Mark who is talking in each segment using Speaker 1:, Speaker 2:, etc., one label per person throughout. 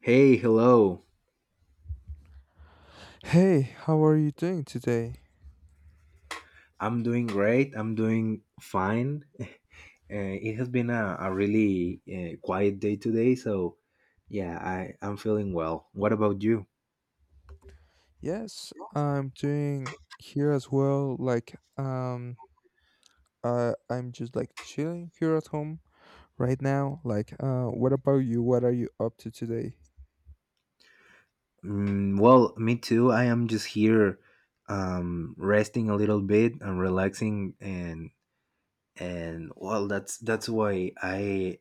Speaker 1: Hey, hello.
Speaker 2: Hey, how are you doing today?
Speaker 1: I'm doing great. I'm doing fine. It has been a really quiet day today, so yeah, I'm feeling well. What about you?
Speaker 2: Yes, I'm doing here as well. I'm just like chilling here at home right now. What about you? What are you up to today?
Speaker 1: Mm, well, me too. I am just here resting a little bit and relaxing and well, that's why I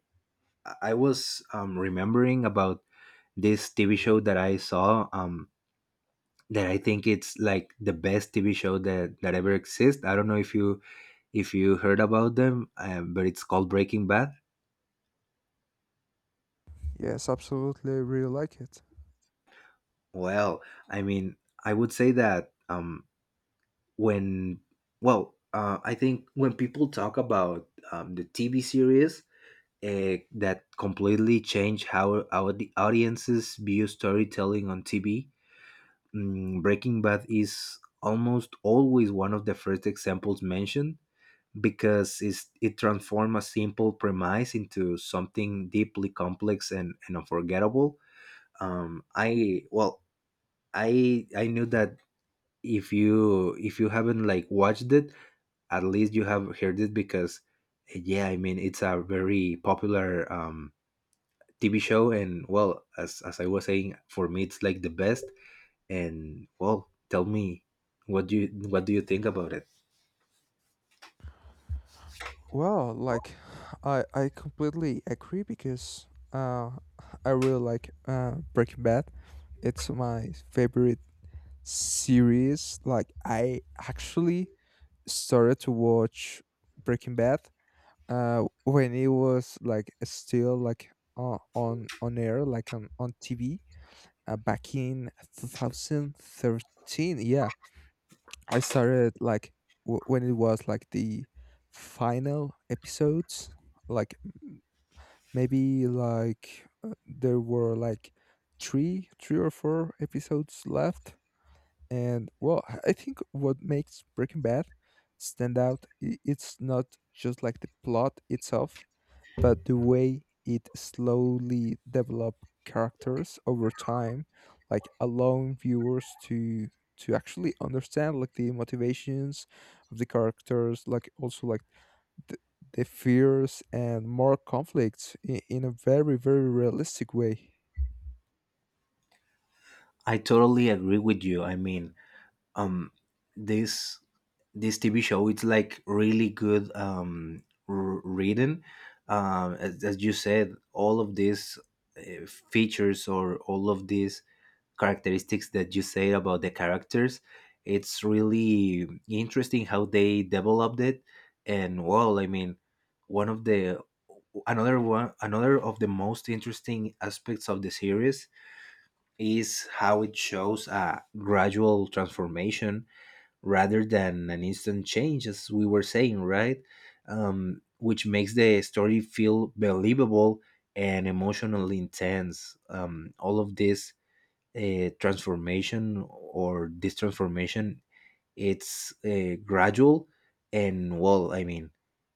Speaker 1: I was remembering about this TV show that I saw. That I think it's like the best TV show that ever exists. I don't know if you heard about them, but it's called Breaking Bad.
Speaker 2: Yes, absolutely. I really like it.
Speaker 1: Well, I mean, I would say that when well, I think when people talk about the TV series that completely changed how our the audiences view storytelling on TV, Breaking Bad is almost always one of the first examples mentioned because it transforms a simple premise into something deeply complex and unforgettable. Um, I well, I knew that if you haven't like watched it, at least you have heard it because yeah, I mean it's a very popular TV show, and well, as I was saying, for me it's like the best. And well, tell me what do you think about it?
Speaker 2: Well, I completely agree because uh, I really like Breaking Bad. It's my favorite series. Like, I actually started to watch Breaking Bad when it was like still like on air like on tv, back in 2013. Yeah, I started like when it was like the final episodes, like maybe like there were like three or four episodes left. And well, I think what makes Breaking Bad stand out, it's not just like the plot itself, but the way it slowly developed characters over time, like allowing viewers to actually understand like the motivations of the characters, like also like the, the fears and more conflicts in a very realistic way.
Speaker 1: I totally agree with you. I mean, um, this this TV show. It's like really good reading. As you said, all of these uh, features or all of these characteristics that you say about the characters, it's really interesting how they developed it. And well, I mean, one of the another of the most interesting aspects of the series is how it shows a gradual transformation rather than an instant change, as we were saying, right? Which makes the story feel believable and emotionally intense. All of this transformation or This transformation, it's gradual, and well, I mean,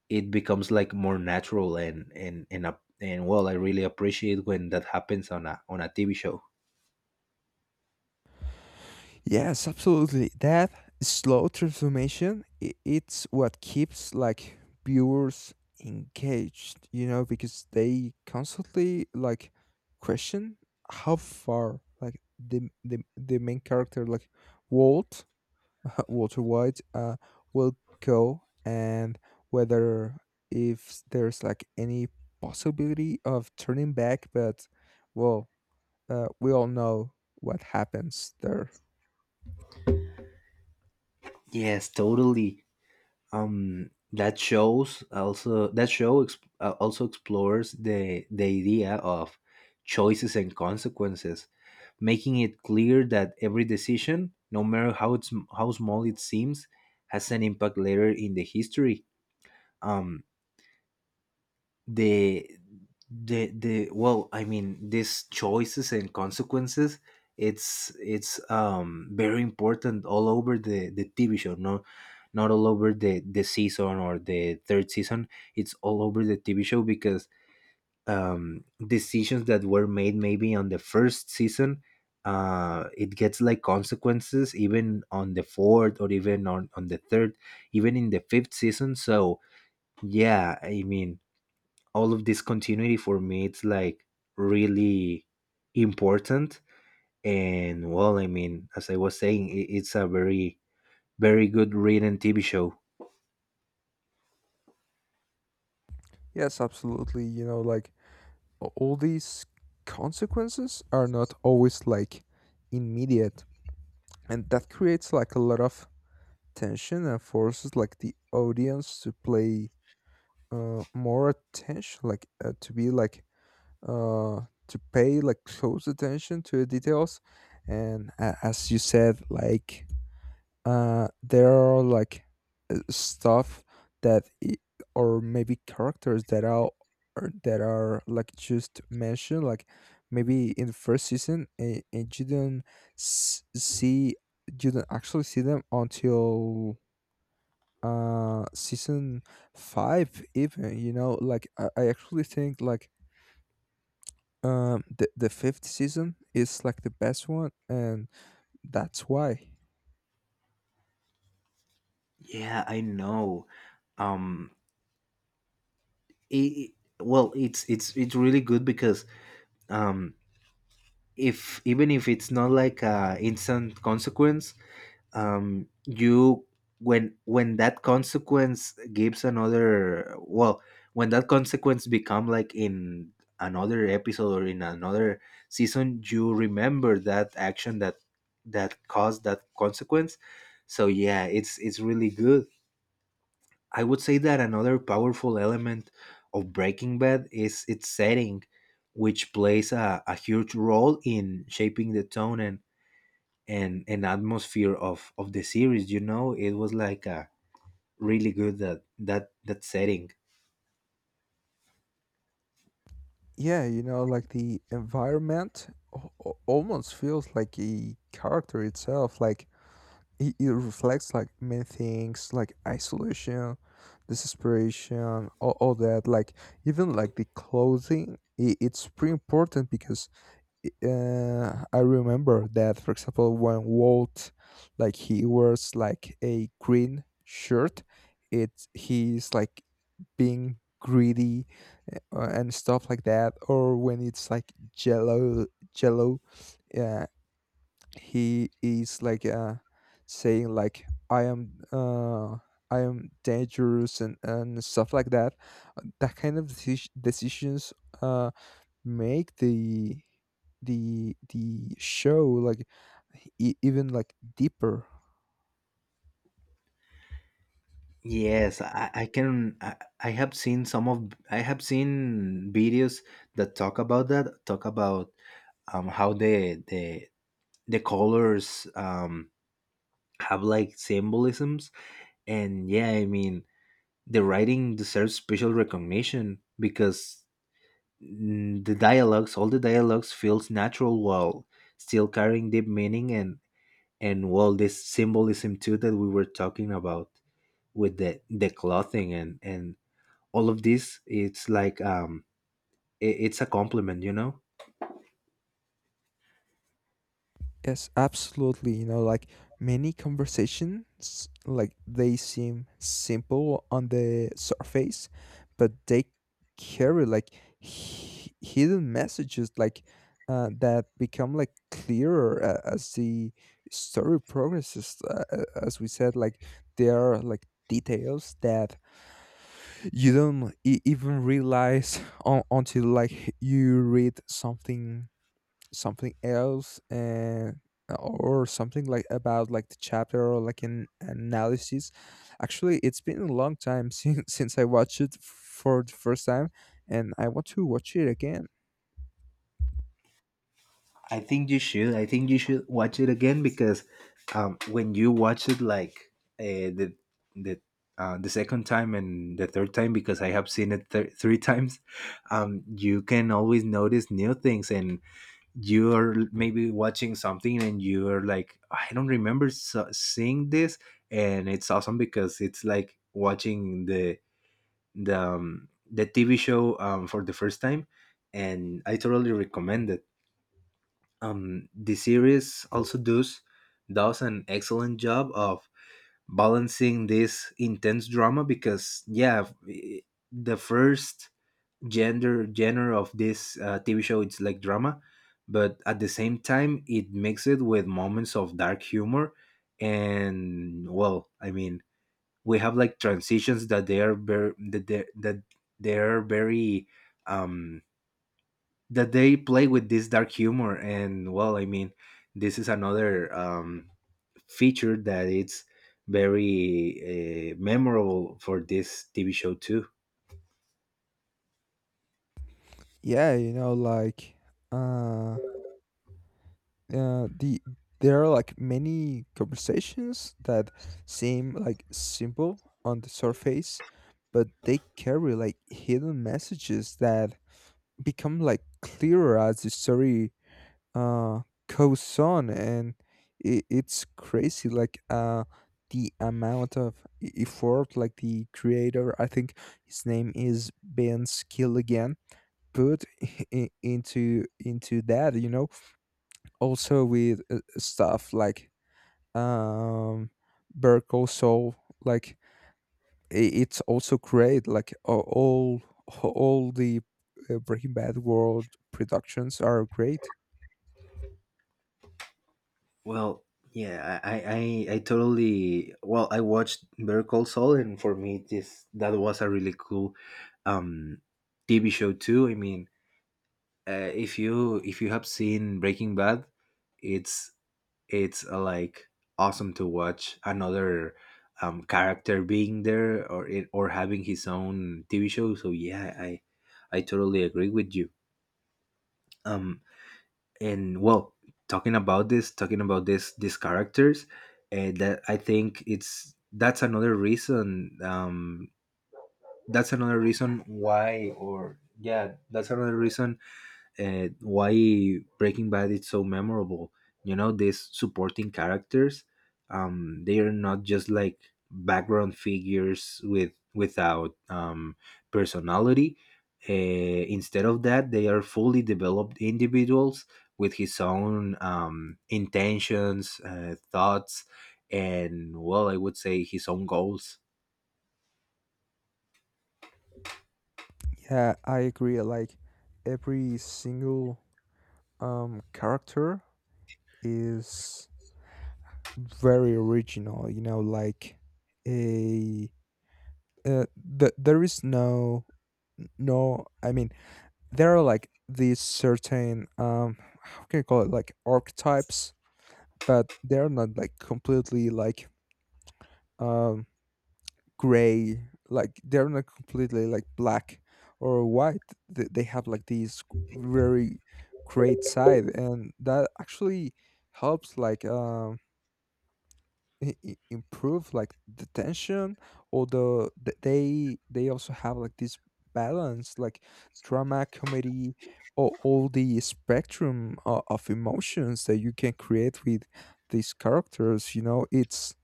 Speaker 1: it becomes like more natural and and well, I really appreciate when that happens on a TV show.
Speaker 2: Yes, absolutely. That slow transformation, it's what keeps like viewers engaged, you know, because they constantly like question how far like the main character, like Walt, Walter White, will go, and whether if there's like any possibility of turning back. But well, we all know what happens there.
Speaker 1: Yes, totally. That show also explores the idea of choices and consequences, making it clear that every decision, no matter how it's how small it seems, has an impact later in the history. Um the the well I mean these choices and consequences, it's very important all over the TV show. No Not all over the season or the third season. It's all over the TV show because decisions that were made maybe on the first season, it gets like consequences even on the fourth or even on the third, even in the fifth season. So yeah, I mean, all of this continuity for me it's like really important. And well, I mean, as I was saying, I it's a very very good read and TV show.
Speaker 2: Yes, absolutely. You know, like all these consequences are not always like immediate, and that creates like a lot of tension and forces like the audience to play more attention, to be like uh, to pay like close attention to the details. And a as you said, like there are like stuff that or maybe characters that are or that are like just mentioned like maybe in the first season, and you don't s- see you don't actually see them until season five even, you know. I actually think like the fifth season is like the best one, and that's why.
Speaker 1: Yeah, I know. um it, well it's really good because um if even if it's not like a instant consequence, you when that consequence gives another well when that consequence become like in another episode or in another season, you remember that action that caused that consequence. So yeah, it's really good. I would say that another powerful element of Breaking Bad is its setting, which plays a huge role in shaping the tone and an atmosphere of the series. You know, it was like a really good that that that setting
Speaker 2: Yeah, you know, like the environment almost feels like a character itself. Like it reflects like many things, like isolation, desperation, all that. Like even like the clothing, I it's pretty important because I remember that, for example, when Walt, like he wears like a green shirt, it's he's like being greedy, and stuff like that. Or when it's like Jello, Jello, uh, he is like saying like I am dangerous, and stuff like that. That kind of decisions Uh, make the the show like even like deeper.
Speaker 1: yes, I have seen some of I have seen videos that talk about how the colors have like symbolisms. And yeah, I mean, the writing deserves special recognition because, mm, the dialogues all the dialogues feels natural while still carrying deep meaning and well this symbolism too that we were talking about with the clothing and all of this. It's like it's a compliment, you know.
Speaker 2: Yes, absolutely, you know. Like many conversations, like, they seem simple on the surface, but they carry like hidden messages, like, that become like clearer as the story progresses. As we said, like, there are like details that you don't even realize until like you read something, something else, and or something like about like the chapter or like an analysis. Actually it's been a long time since since I watched it for the first time, and I want to watch it again.
Speaker 1: I think you should, watch it again because when you watch it like uh, the the the second time and the third time, because I have seen it three times, you can always notice new things. And you're maybe watching something and you're like, I don't remember seeing this. And it's awesome because it's like watching the TV show for the first time. And I totally recommend it. The series also does an excellent job of balancing this intense drama, because yeah, eh, the first gender genre of this TV show, it's like drama, but at the same time, it makes it with moments of dark humor. And well, I mean, we have like transitions that they are very um that they play with this dark humor. And well, I mean, this is another feature that it's very memorable for this TV show too.
Speaker 2: Yeah, you know, like uh the there are like many conversations that seem like simple on the surface, but they carry like hidden messages that become like clearer as the story, uh, goes on. And it, it's crazy. Like, the amount of effort like the creator, I think his name is Ben Skill again, put i- into into that, you know. Also with, stuff like um Berko. Also like it's also great, like all all the, Breaking Bad world productions are great.
Speaker 1: Well, yeah, I totally. Well, I watched Better Call Saul, and for me, this that was a really cool um, TV show too. I mean, if you have seen Breaking Bad, it's it's like awesome to watch another character being there or having his own TV show. So yeah, I totally agree with you. Um, and well talking about this these characters, that I think it's that's another reason why Breaking Bad is so memorable. You know, these supporting characters, they are not just like background figures without personality. Uh, instead, they are fully developed individuals with his own intentions, thoughts, and well, I would say his own goals.
Speaker 2: Yeah, I agree. Like every single character is very original, you know. Like a uh, there is no. I mean, there are like these certain how can you call it, like archetypes, but they're not like completely like um gray, like they're not completely like black or white. They have like these very great side, and that actually helps like improve like the tension or the they also have like this balance, like drama, comedy, or all the spectrum of emotions that you can create with these characters, you know. it's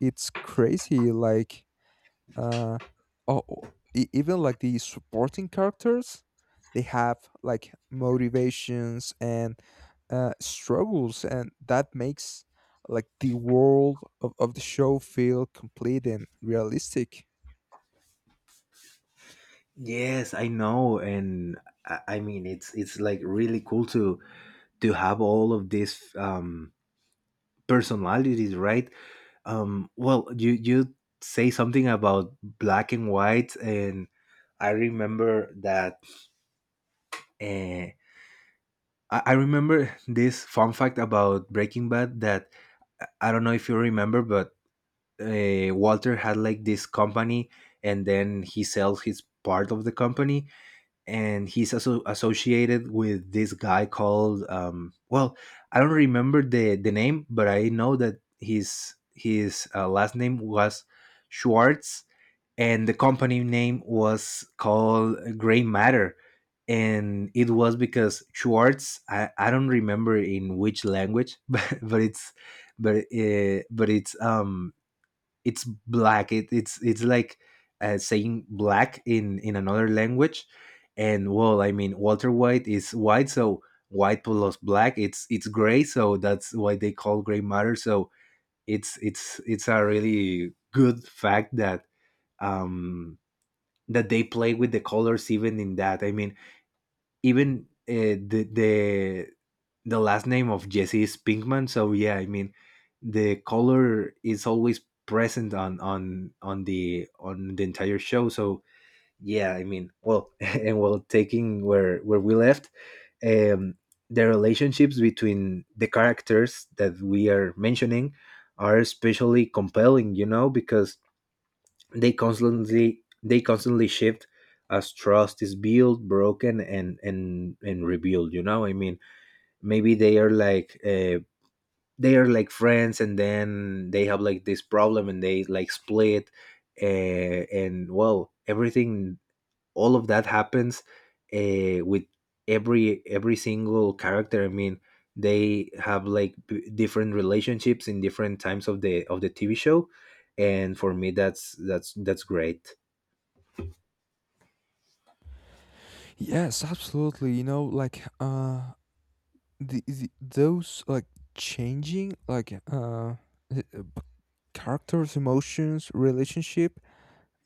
Speaker 2: it's crazy. Like uh, oh, oh, e- even like the supporting characters, they have like motivations and, struggles, and that makes like the world of the show feel complete and realistic.
Speaker 1: Yes, I know, and I mean it's like really cool to have all of these personalities, right? You say something about black and white, and I remember that. Uh, I remember this fun fact about Breaking Bad that I don't know if you remember, but Walter had like this company, and then he sells his part of the company, and he's also associated with this guy called well, I don't remember the name, but I know that his last name was Schwartz, and the company name was called Gray Matter. And it was because Schwartz, I don't remember in which language but it's but it's black. It's like saying black in another language. And well, I mean, Walter White is white, so white plus black it's gray, so that's why they call Gray Matter. So it's a really good fact that um that they play with the colors even in that. I mean, even the last name of Jesse is Pinkman. So yeah, I mean, the color is always present on the entire show. So yeah, I mean, well, and well, taking where we left, um, the relationships between the characters that we are mentioning are especially compelling. You know, because they constantly shift as trust is built, broken, and rebuilt. You know, I mean, maybe they are like friends, and then they have like this problem and they like split, and well, everything, all of that happens with every single character. I mean, they have like different relationships in different times of the TV show. And for me, that's great.
Speaker 2: Yes, absolutely, you know. Like the those like changing like uh, uh, characters, emotions, relationship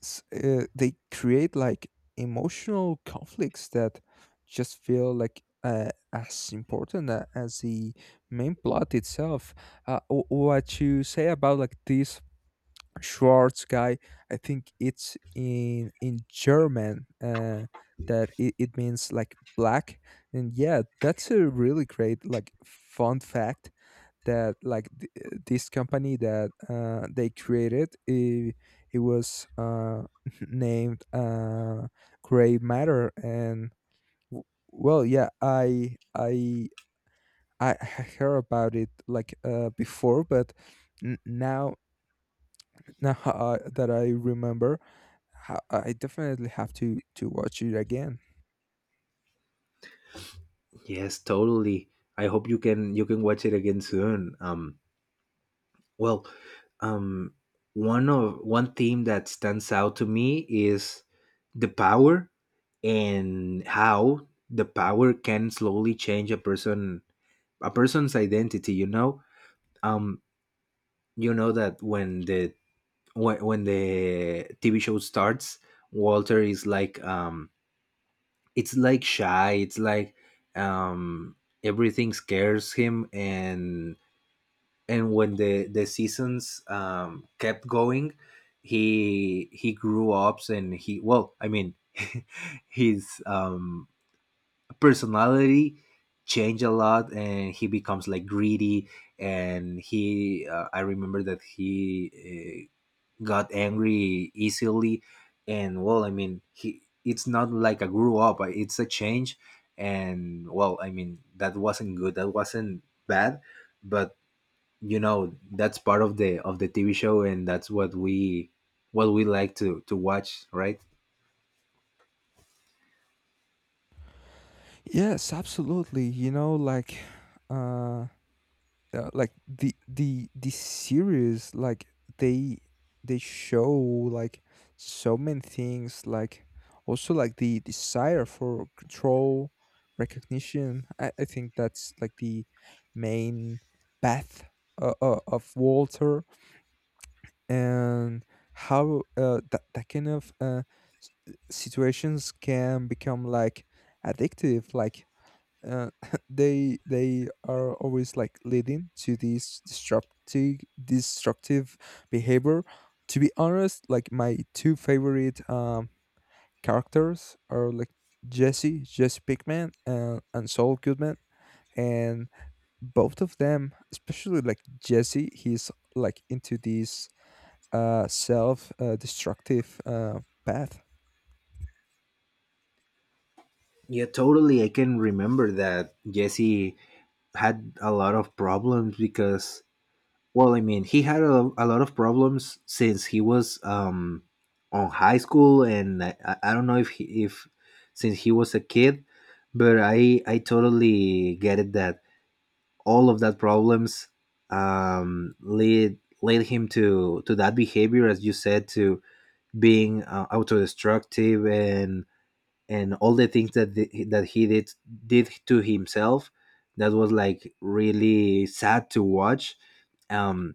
Speaker 2: they create like emotional conflicts that just feel like, as important as the main plot itself. What you say about like this Schwartz guy, I think it's in German, that it means like black. And yeah, that's a really great like fun fact that like this company that, they created it, it was, named, gray matter. And w- well, yeah, I heard about it like, before, but now, now, that I remember, I definitely have to watch it again.
Speaker 1: Yes, totally. I hope you can watch it again soon. Well, um, one theme that stands out to me is the power and how the power can slowly change a person, a person's identity. Um, you know that when the when the TV show starts, Walter is like it's like shy. It's like um, everything scares him and when the seasons kept going he grew up and he, well, I mean, his personality changed a lot and he becomes like greedy. And he, I remember that he, uh, got angry easily. And well, I mean, he, it's not like a grew up, it's a change. And well, I mean, that wasn't good, that wasn't bad, but you know, that's part of the TV show and that's what we, what we like to watch, right?
Speaker 2: Yes, absolutely. You know, uh, like the series like they they show like so many things, like also like the desire for control, recognition. I think that's like the main path of Walter, and how, that, that kind of, situations can become like addictive. Like, uh, they are always like leading to these destructive behavior. To be honest, like my two favorite, characters are like Jesse Pinkman, and Saul Goodman. And both of them, especially like Jesse, he's like into this self destructive, path.
Speaker 1: Yeah, totally. I can remember that Jesse had a lot of problems because, well, I mean, he had a lot of problems since he was on high school and I don't know if he, if since he was a kid. But I totally get it that all of that problems lead led him to that behavior, as you said, to being autodestructive and all the things that that he did to himself. That was like really sad to watch. um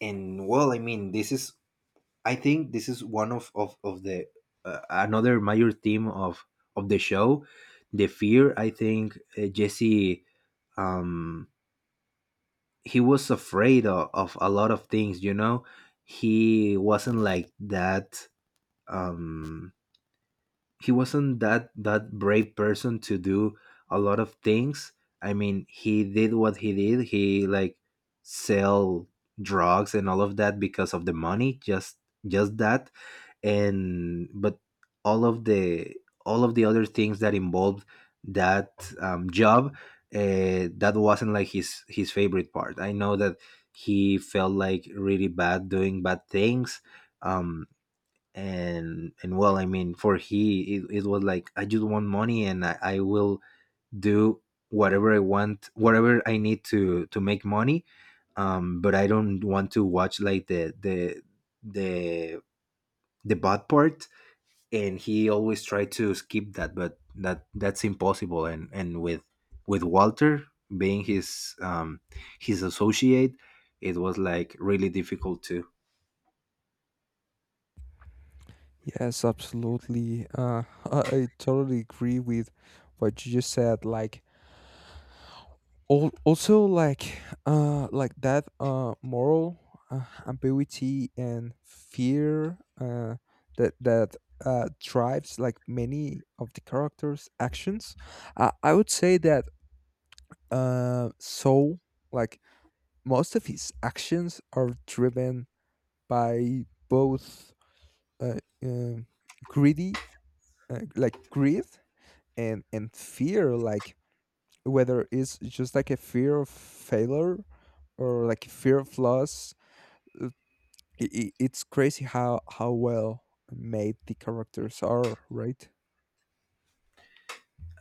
Speaker 1: and well, I mean, this is, I think this is one of the, another major theme of the show. The fear, I think, Jesse, um he was afraid of a lot of things, you know. He wasn't like that. um he wasn't that brave person to do a lot of things. I mean, he did what he did. He like sell drugs and all of that because of the money, just that. And but all of the all of the other things that involved that job, that wasn't like his favorite part. I know that he felt like really bad doing bad things. um and well, I mean, for he, it was like, I just want money and I will do whatever I want, whatever I need to make money. But I don't want to watch like the the bad part. And he always tried to skip that, but that that's impossible. And with Walter being his associate, it was like really difficult too.
Speaker 2: Yes, absolutely. I totally agree with what you just said. Like also like, like that moral, ambiguity and fear, that that drives like many of the characters actions. Uh, I would say that, so like most of his actions are driven by both, uh, um greedy, like greed, and fear, like whether it's just like a fear of failure or like fear of loss. Uh, it's crazy how well made the characters are, right?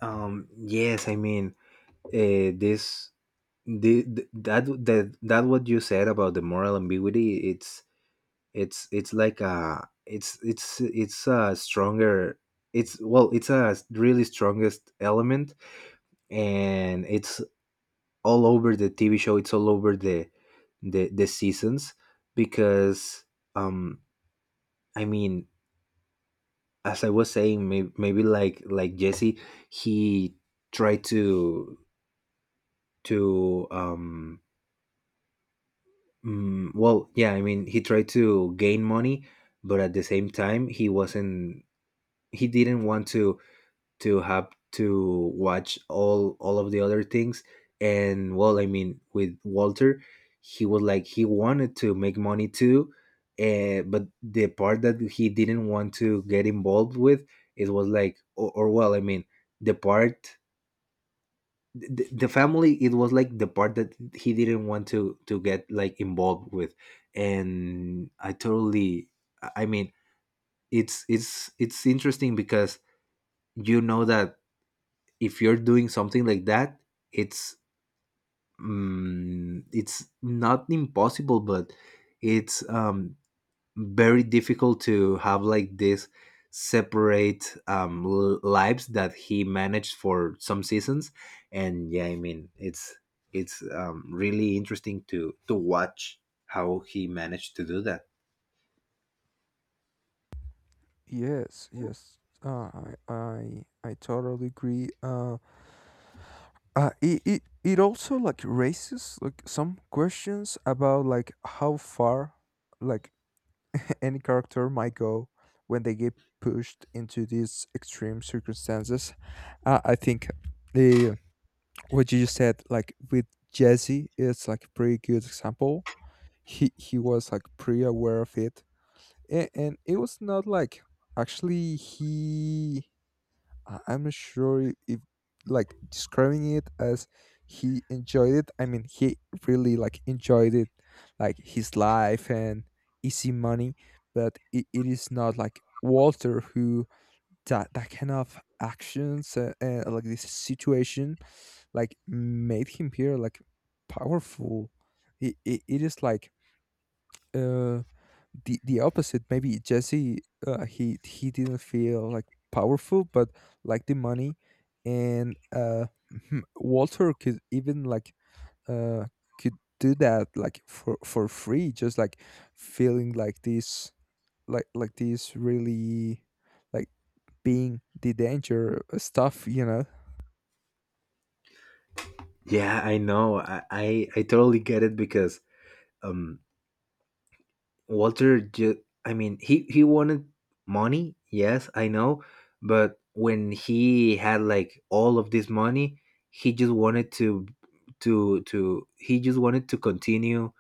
Speaker 1: Yes, I mean, this, the that what you said about the moral ambiguity, it's it's like a, it's a stronger, it's, well, it's a really strongest element, and it's all over the TV show. It's all over the seasons because, um I mean, as I was saying, maybe like Jesse, he tried to well, yeah, I mean he tried to gain money, but at the same time he wasn't, he didn't want to have to watch all of the other things. And well, I mean, with Walter, he was like, he wanted to make money too, but the part that he didn't want to get involved with, it was like, or well, I mean, the part, the family, it was like the part that he didn't want to get like involved with. And I totally, I mean, it's interesting because, you know that, if you're doing something like that, it's, mm, it's not impossible, but it's very difficult to have like this separate l- lives that he managed for some seasons. And yeah, I mean, it's really interesting to watch how he managed to do that.
Speaker 2: Yes, yes. I totally agree. It, it it also like raises like some questions about like how far like any character might go when they get pushed into these extreme circumstances. I think, uh, what you just said, like with Jesse, it's like a pretty good example. He was like pretty aware of it, and it was not like actually he. I'm not sure if like describing it as he enjoyed it. I mean, he really like enjoyed it, like his life and easy money. But it is not like Walter, who that that kind of actions, and like this situation like made him appear like powerful. It is like, uh, the opposite. Maybe Jesse, he didn't feel like powerful, but like the money and, Walter could even like, uh, could do that like for free, just like feeling like this really like being the danger stuff, you know.
Speaker 1: Yeah, I know, I totally get it because, um Walter just, I mean, he wanted money, yes, I know, but when he had like all of this money, he just wanted to he just wanted to continue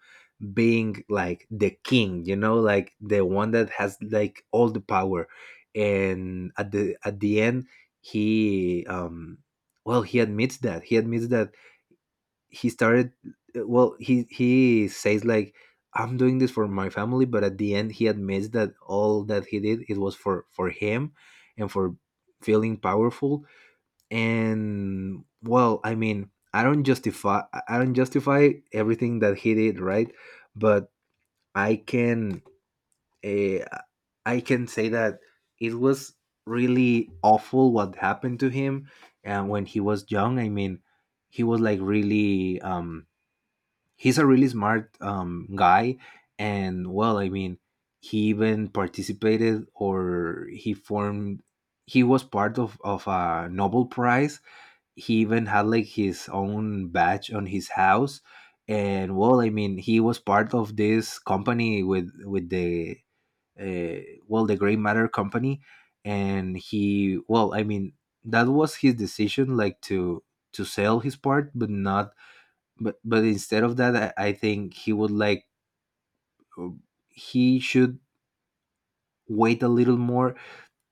Speaker 1: being like the king, you know, like the one that has like all the power. And at the end he, well, he admits that. He admits that he started, well, he says like, I'm doing this for my family, but at the end he admits that all that he did, it was for him and for feeling powerful. And well, I mean, I don't justify, I don't justify everything that he did, right? But I can, uh, I can say that it was really awful what happened to him. And when he was young, I mean, he was like really he's a really smart guy. And well, I mean, he even participated, or he formed, he was part of a Nobel Prize. He even had like his own badge on his house. And well, I mean, he was part of this company with the, uh, well, the Gray Matter company. And he, well, I mean, that was his decision like to sell his part, but not but but instead of that, I think he would like, he should wait a little more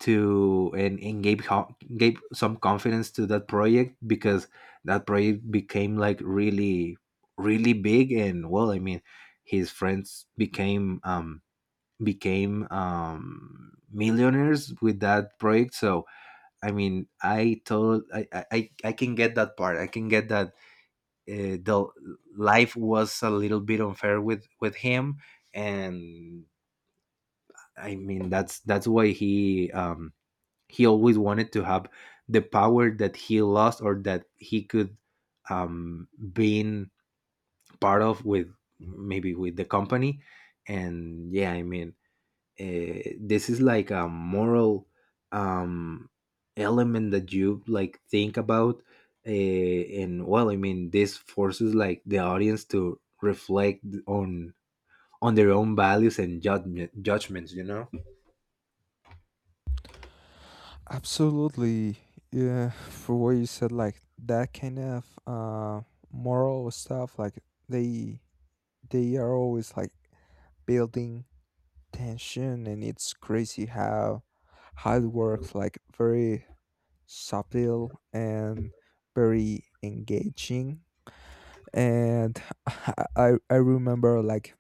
Speaker 1: to and gave, ho- gave some confidence to that project, because that project became like really really big. And well, I mean, his friends became became millionaires with that project. So I mean, I told, I I can get that part, I can get that, the life was a little bit unfair with him. And I mean, that's why he, he always wanted to have the power that he lost, or that he could being part of with, maybe with the company. And yeah, I mean, this is like a moral um, element that you like think about. And well, I mean, this forces like the audience to reflect on their own values and judgments, you know.
Speaker 2: Absolutely. Yeah, for what you said, like that kind of moral stuff, like they they are always like building tension, and it's crazy how it works, like very subtle and very engaging. And I remember like,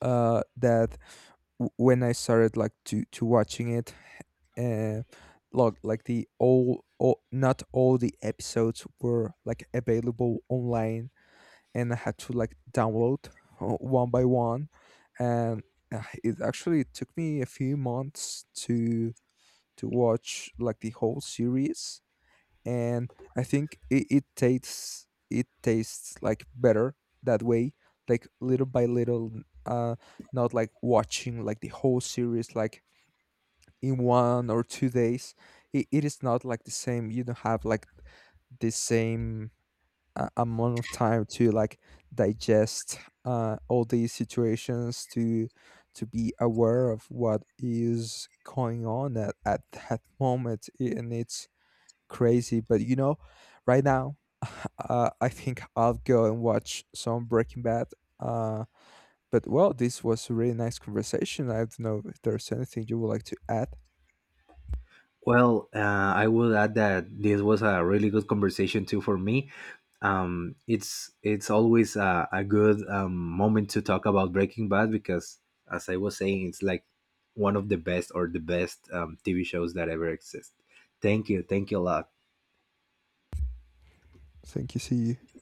Speaker 2: that when I started like to watching it, uh, look like all not all the episodes were like available online, and I had to like download, one by one. And, it actually took me a few months to watch like the whole series. And I think it, it tastes like better that way, like little by little, not like watching like the whole series like in one or two days. It is not like the same. You don't have like the same, amount of time to like digest, all these situations to be aware of what is going on at that moment, and it's crazy. But you know, right now, I think I'll go and watch some Breaking Bad. Uh, but well, this was a really nice conversation. I don't know if there's anything you would like to add.
Speaker 1: Well, I will add that this was a really good conversation too for me. It's always a good moment to talk about Breaking Bad because, as I was saying, it's like one of the best, or the best TV shows that ever exist. Thank you, thank you a lot.
Speaker 2: Thank you. See you.